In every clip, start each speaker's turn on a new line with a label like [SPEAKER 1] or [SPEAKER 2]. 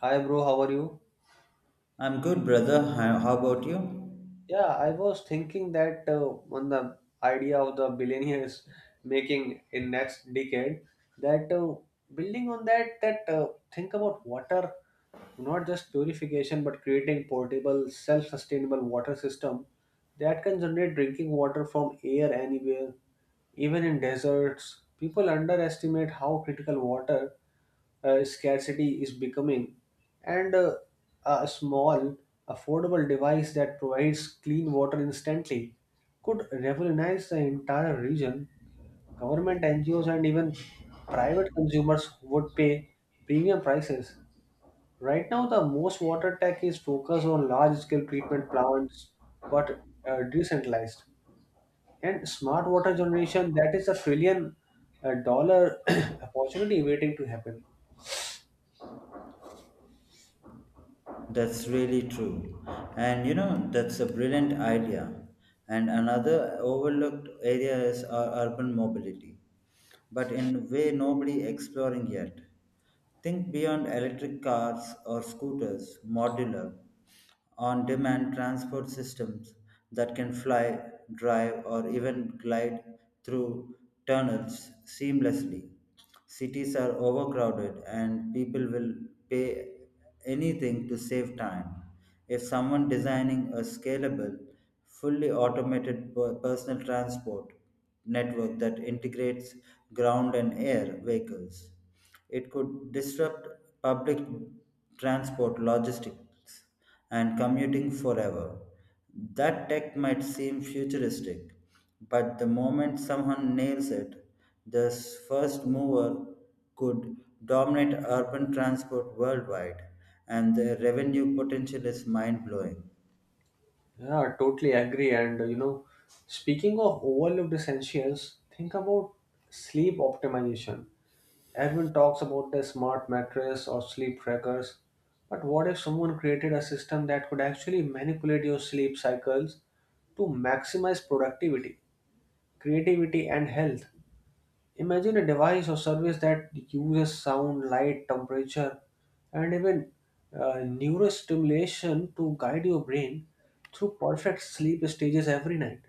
[SPEAKER 1] Hi, bro. How are you?
[SPEAKER 2] I'm good, brother. How about you?
[SPEAKER 1] Yeah, I was thinking that on the idea of the billionaires making in next decade, that building on that, think about water, not just purification, but creating portable, self-sustainable water system that can generate drinking water from air anywhere, even in deserts. People underestimate how critical water scarcity is becoming, and a small, affordable device that provides clean water instantly could revolutionize the entire region. Government NGOs and even private consumers would pay premium prices. Right now, the most water tech is focused on large scale treatment plants, but decentralized. And smart water generation, that is a trillion dollar opportunity waiting to happen.
[SPEAKER 2] That's really true. And you know, that's a brilliant idea. And another overlooked area is our urban mobility, but in a way nobody exploring yet. Think beyond electric cars or scooters, modular, on demand transport systems that can fly, drive, or even glide through tunnels seamlessly. Cities are overcrowded and people will pay anything to save time. If someone designing a scalable, fully automated personal transport network that integrates ground and air vehicles, it could disrupt public transport logistics and commuting forever. That tech might seem futuristic, but the moment someone nails it, the first mover could dominate urban transport worldwide, and the revenue potential is mind blowing.
[SPEAKER 1] Yeah, totally agree. And speaking of overlooked essentials, think about sleep optimization. Everyone talks about the smart mattress or sleep trackers, but what if someone created a system that could actually manipulate your sleep cycles to maximize productivity, creativity, and health? Imagine a device or service that uses sound, light, temperature, and even neurostimulation to guide your brain through perfect sleep stages every night.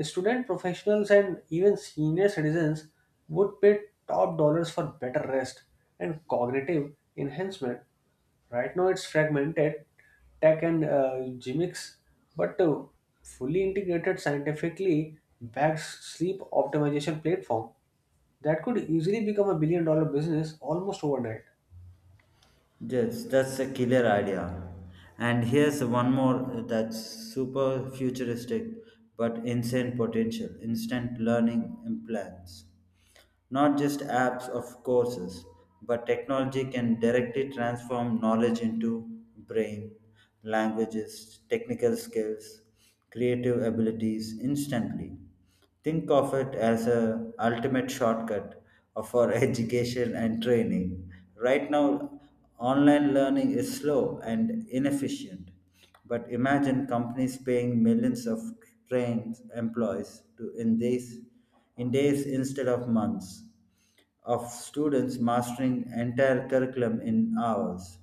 [SPEAKER 1] Student professionals and even senior citizens would pay top dollars for better rest and cognitive enhancement. Right now, it's fragmented tech and gimmicks, but fully integrated, scientifically backed sleep optimization platform. That could easily become a billion dollar business almost overnight.
[SPEAKER 2] Yes, that's a killer idea. And here's one more that's super futuristic but insane potential instant learning implants. Not just apps of courses, but technology can directly transform knowledge into brain, languages, technical skills, creative abilities instantly. Think of it as a ultimate shortcut for education and training. Right now, online learning is slow and inefficient, but imagine companies paying millions of trained employees to in days instead of months, of students mastering entire curriculum in hours.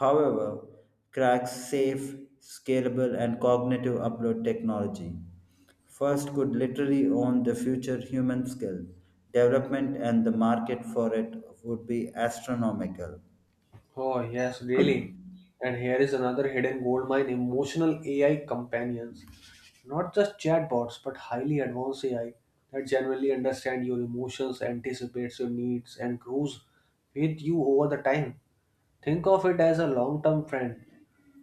[SPEAKER 2] However, cracks safe, scalable, and cognitive upload technology. First could literally own the future human skill. Development and the market for it would be astronomical.
[SPEAKER 1] Oh, yes, really. And here is another hidden goldmine emotional AI companions. Not just chatbots, but highly advanced AI that generally understand your emotions, anticipates your needs, and grows with you over the time. Think of it as a long term friend,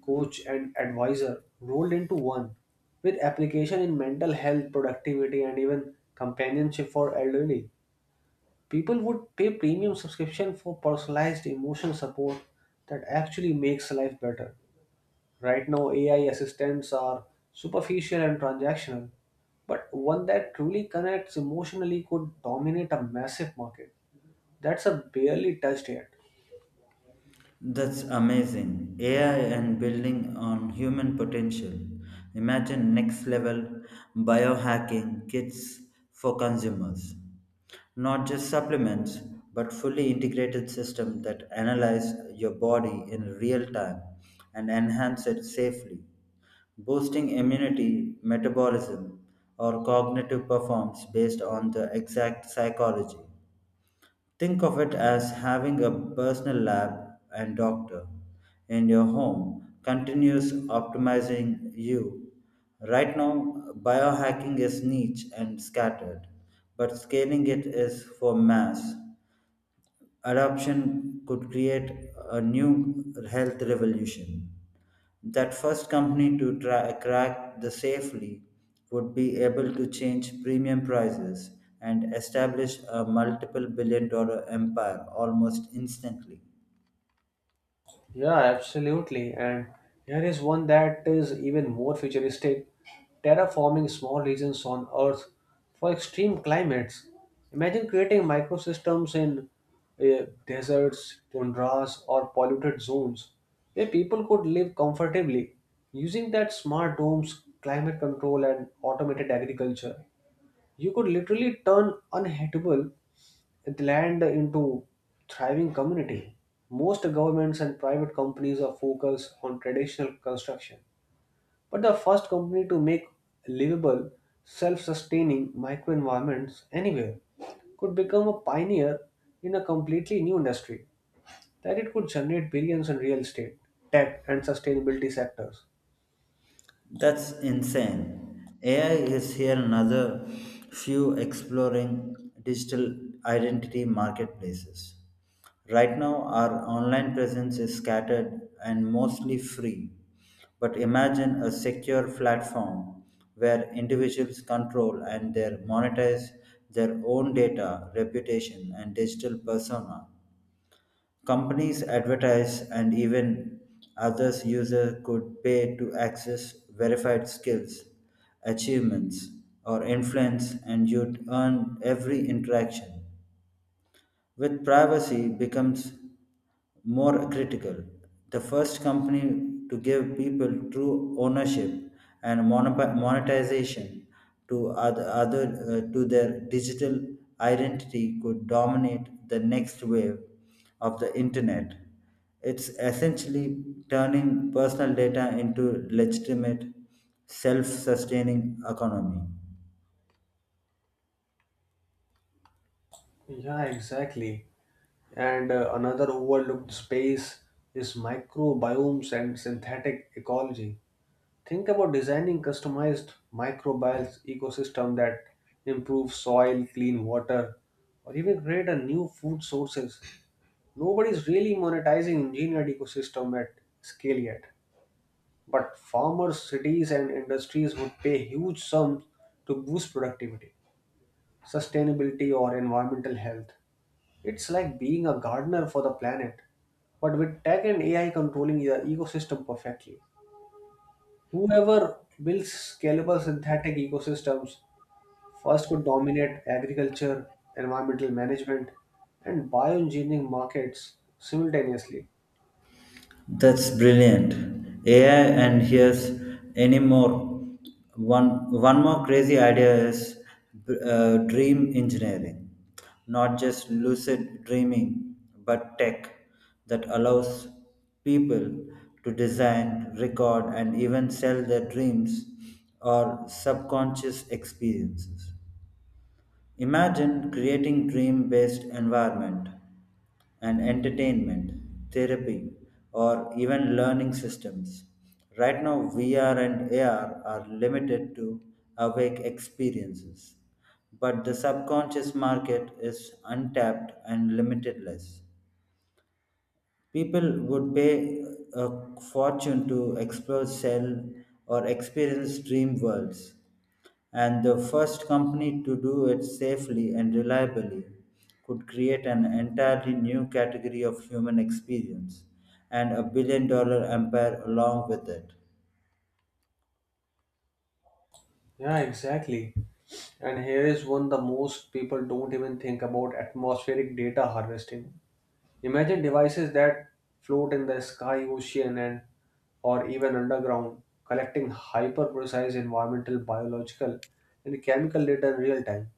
[SPEAKER 1] coach, and advisor rolled into one, with application in mental health, productivity, and even companionship for elderly. People would pay premium subscription for personalized emotional support that actually makes life better. Right now, AI assistants are superficial and transactional, but one that truly connects emotionally could dominate a massive market. That's a barely touched area.
[SPEAKER 2] That's amazing. AI and building on human potential. Imagine next level biohacking kits for consumers. Not just supplements, but fully integrated system that analyze your body in real time and enhance it safely, boosting immunity, metabolism, or cognitive performance based on the exact psychology. Think of it as having a personal lab and doctor in your home, continuous optimizing you. Right now, biohacking is niche and scattered, but scaling it is for mass. Adoption could create a new health revolution. That first company to crack the safely would be able to change premium prices and establish a multiple billion-dollar empire almost instantly.
[SPEAKER 1] Yeah, absolutely. And here is one that is even more futuristic terraforming small regions on Earth for extreme climates. Imagine creating microsystems in deserts, tundras, or polluted zones where people could live comfortably using that smart domes, climate control, and automated agriculture. You could literally turn unhittable it land into thriving community. Most governments and private companies are focused on traditional construction, but the first company to make livable, self-sustaining microenvironments anywhere could become a pioneer in a completely new industry that it could generate billions in real estate, tech, and sustainability sectors.
[SPEAKER 2] That's insane. AI is here another few exploring digital identity marketplaces. Right now, our online presence is scattered and mostly free. But imagine a secure platform where individuals control and they monetize their own data, reputation, and digital persona. Companies advertise, and even others users could pay to access verified skills, achievements, or influence, and you'd earn every interaction. With privacy becomes more critical, the first company to give people true ownership and monetization to other, other to their digital identity could dominate the next wave of the internet. It's essentially turning personal data into legitimate, self-sustaining economy.
[SPEAKER 1] Yeah, exactly. And another overlooked space is microbiomes and synthetic ecology. Think about designing customized microbial ecosystem that improves soil, clean water, or even create a new food sources. Nobody's really monetizing engineered ecosystem at scale yet. But farmers, cities and industries would pay huge sums to boost productivity, sustainability or environmental health. It's like being a gardener for the planet, but with tech and AI controlling the ecosystem perfectly. Whoever builds scalable synthetic ecosystems first could dominate agriculture, environmental management, and bioengineering markets simultaneously.
[SPEAKER 2] That's brilliant. AI and here's any more. One more crazy idea is dream engineering, not just lucid dreaming, but tech that allows people to design, record, and even sell their dreams or subconscious experiences. Imagine creating dream based environment and entertainment, therapy, or even learning systems. Right now, VR and AR are limited to awake experiences, but the subconscious market is untapped and limitless. People would pay a fortune to explore, sell, or experience dream worlds, and the first company to do it safely and reliably could create an entirely new category of human experience and a billion-dollar empire along with it.
[SPEAKER 1] Yeah, exactly. And here is one the most people don't even think about atmospheric data harvesting. Imagine devices that float in the sky, ocean, and or even underground, collecting hyper precise environmental, biological, and chemical data in real time.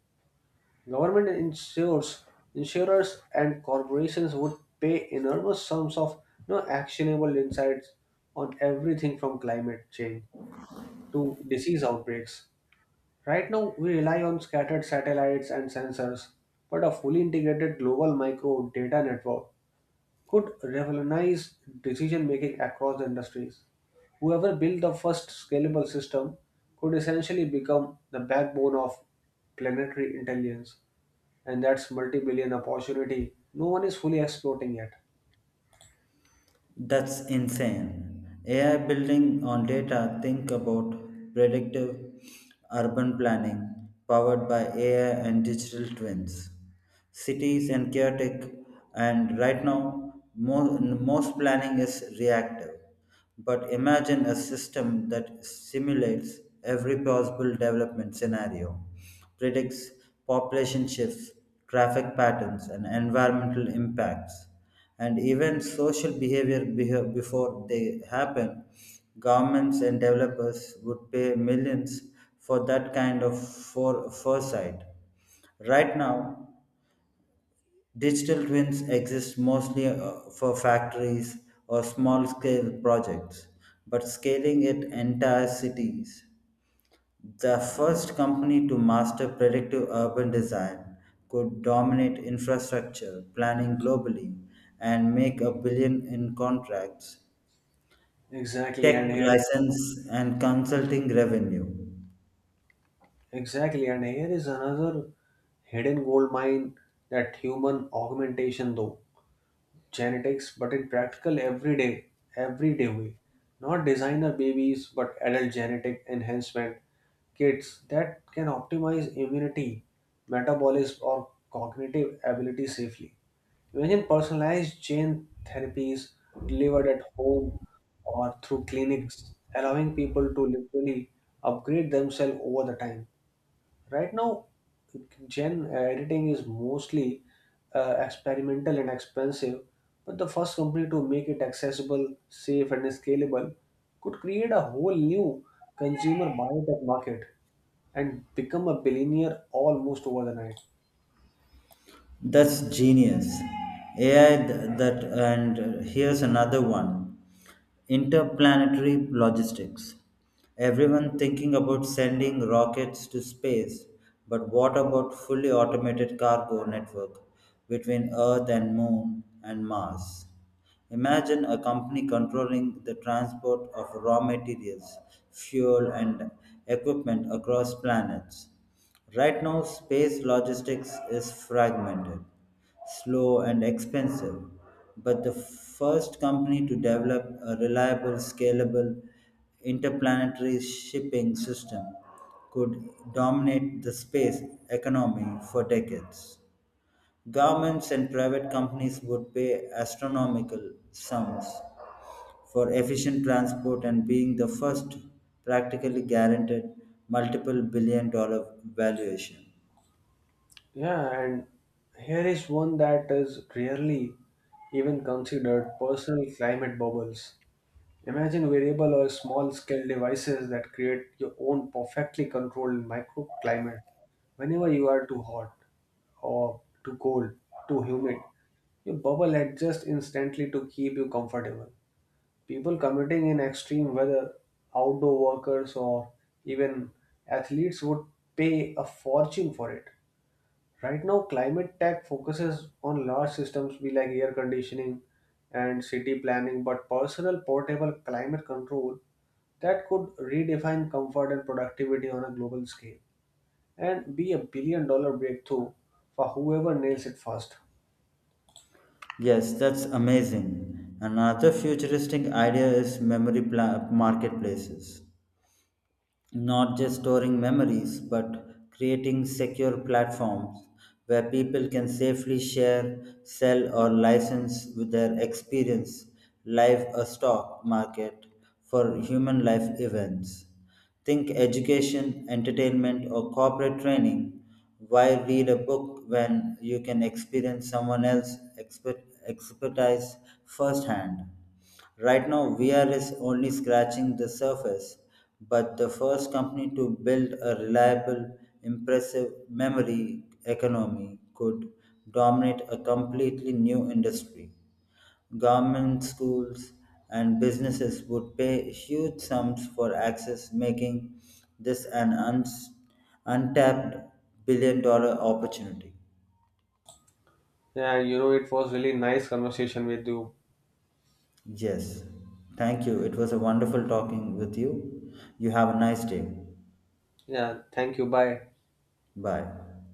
[SPEAKER 1] Government insurers and corporations would pay enormous sums of no actionable insights on everything from climate change to disease outbreaks. Right now, we rely on scattered satellites and sensors, but a fully integrated global micro data network could revolutionize decision making across industries. Whoever built the first scalable system could essentially become the backbone of planetary intelligence and that's multi-billion opportunity no one is fully exploiting yet.
[SPEAKER 2] That's insane. AI building on data, think about predictive urban planning powered by AI and digital twins. Cities and chaotic, and right now, most planning is reactive. But imagine a system that simulates every possible development scenario, predicts population shifts, traffic patterns, and environmental impacts and even social before they happen. Governments and developers would pay millions for that kind of foresight. Right now, digital twins exist mostly for factories or small scale projects, but scaling it entire cities, the first company to master predictive urban design could dominate infrastructure planning globally and make a billion in contracts,
[SPEAKER 1] exactly and
[SPEAKER 2] tech
[SPEAKER 1] here
[SPEAKER 2] license, and consulting revenue.
[SPEAKER 1] exactly and here is another hidden gold mine that human augmentation though genetics but in practical everyday way not designer babies but adult genetic enhancement kits that can optimize immunity metabolism or cognitive ability safely. Imagine personalized gene therapies delivered at home or through clinics, allowing people to literally upgrade themselves over the time. Right now, gene editing is mostly experimental and expensive, but the first company to make it accessible, safe, and scalable could create a whole new consumer biotech market and become a billionaire almost over the night.
[SPEAKER 2] That's genius. That and here's another one. Interplanetary logistics. Everyone thinking about sending rockets to space, but what about fully automated cargo network between Earth and Moon and Mars? Imagine a company controlling the transport of raw materials, fuel and equipment across planets. Right now, space logistics is fragmented slow, and expensive, but the first company to develop a reliable, scalable interplanetary shipping system could dominate the space economy for decades. Governments and private companies would pay astronomical sums for efficient transport, and being the first practically guaranteed multiple billion-dollar valuation.
[SPEAKER 1] Yeah, and here is one that is rarely even considered personal climate bubbles. Imagine variable or small scale devices that create your own perfectly controlled microclimate. Whenever you are too hot or too cold, too humid, your bubble adjusts instantly to keep you comfortable. People commuting in extreme weather, outdoor workers, or even athletes would pay a fortune for it. Right now, climate tech focuses on large systems be like air conditioning and city planning, but personal portable climate control that could redefine comfort and productivity on a global scale and be a billion dollar breakthrough for whoever nails it first.
[SPEAKER 2] Yes, that's amazing. Another futuristic idea is memory marketplaces. Not just storing memories, but creating secure platforms where people can safely share, sell, or license with their experience, live a stock market for human life events. Think education, entertainment, or corporate training. Why read a book when you can experience someone else's expertise firsthand? Right now, VR is only scratching the surface, but the first company to build a reliable, impressive memory economy could dominate a completely new industry. Government, schools, and businesses would pay huge sums for access, making this an untapped billion-dollar opportunity.
[SPEAKER 1] Yeah, it was really nice conversation with you.
[SPEAKER 2] Yes. Thank you. It was a wonderful talking with you. You have a nice day.
[SPEAKER 1] Yeah, thank you. Bye.
[SPEAKER 2] Bye.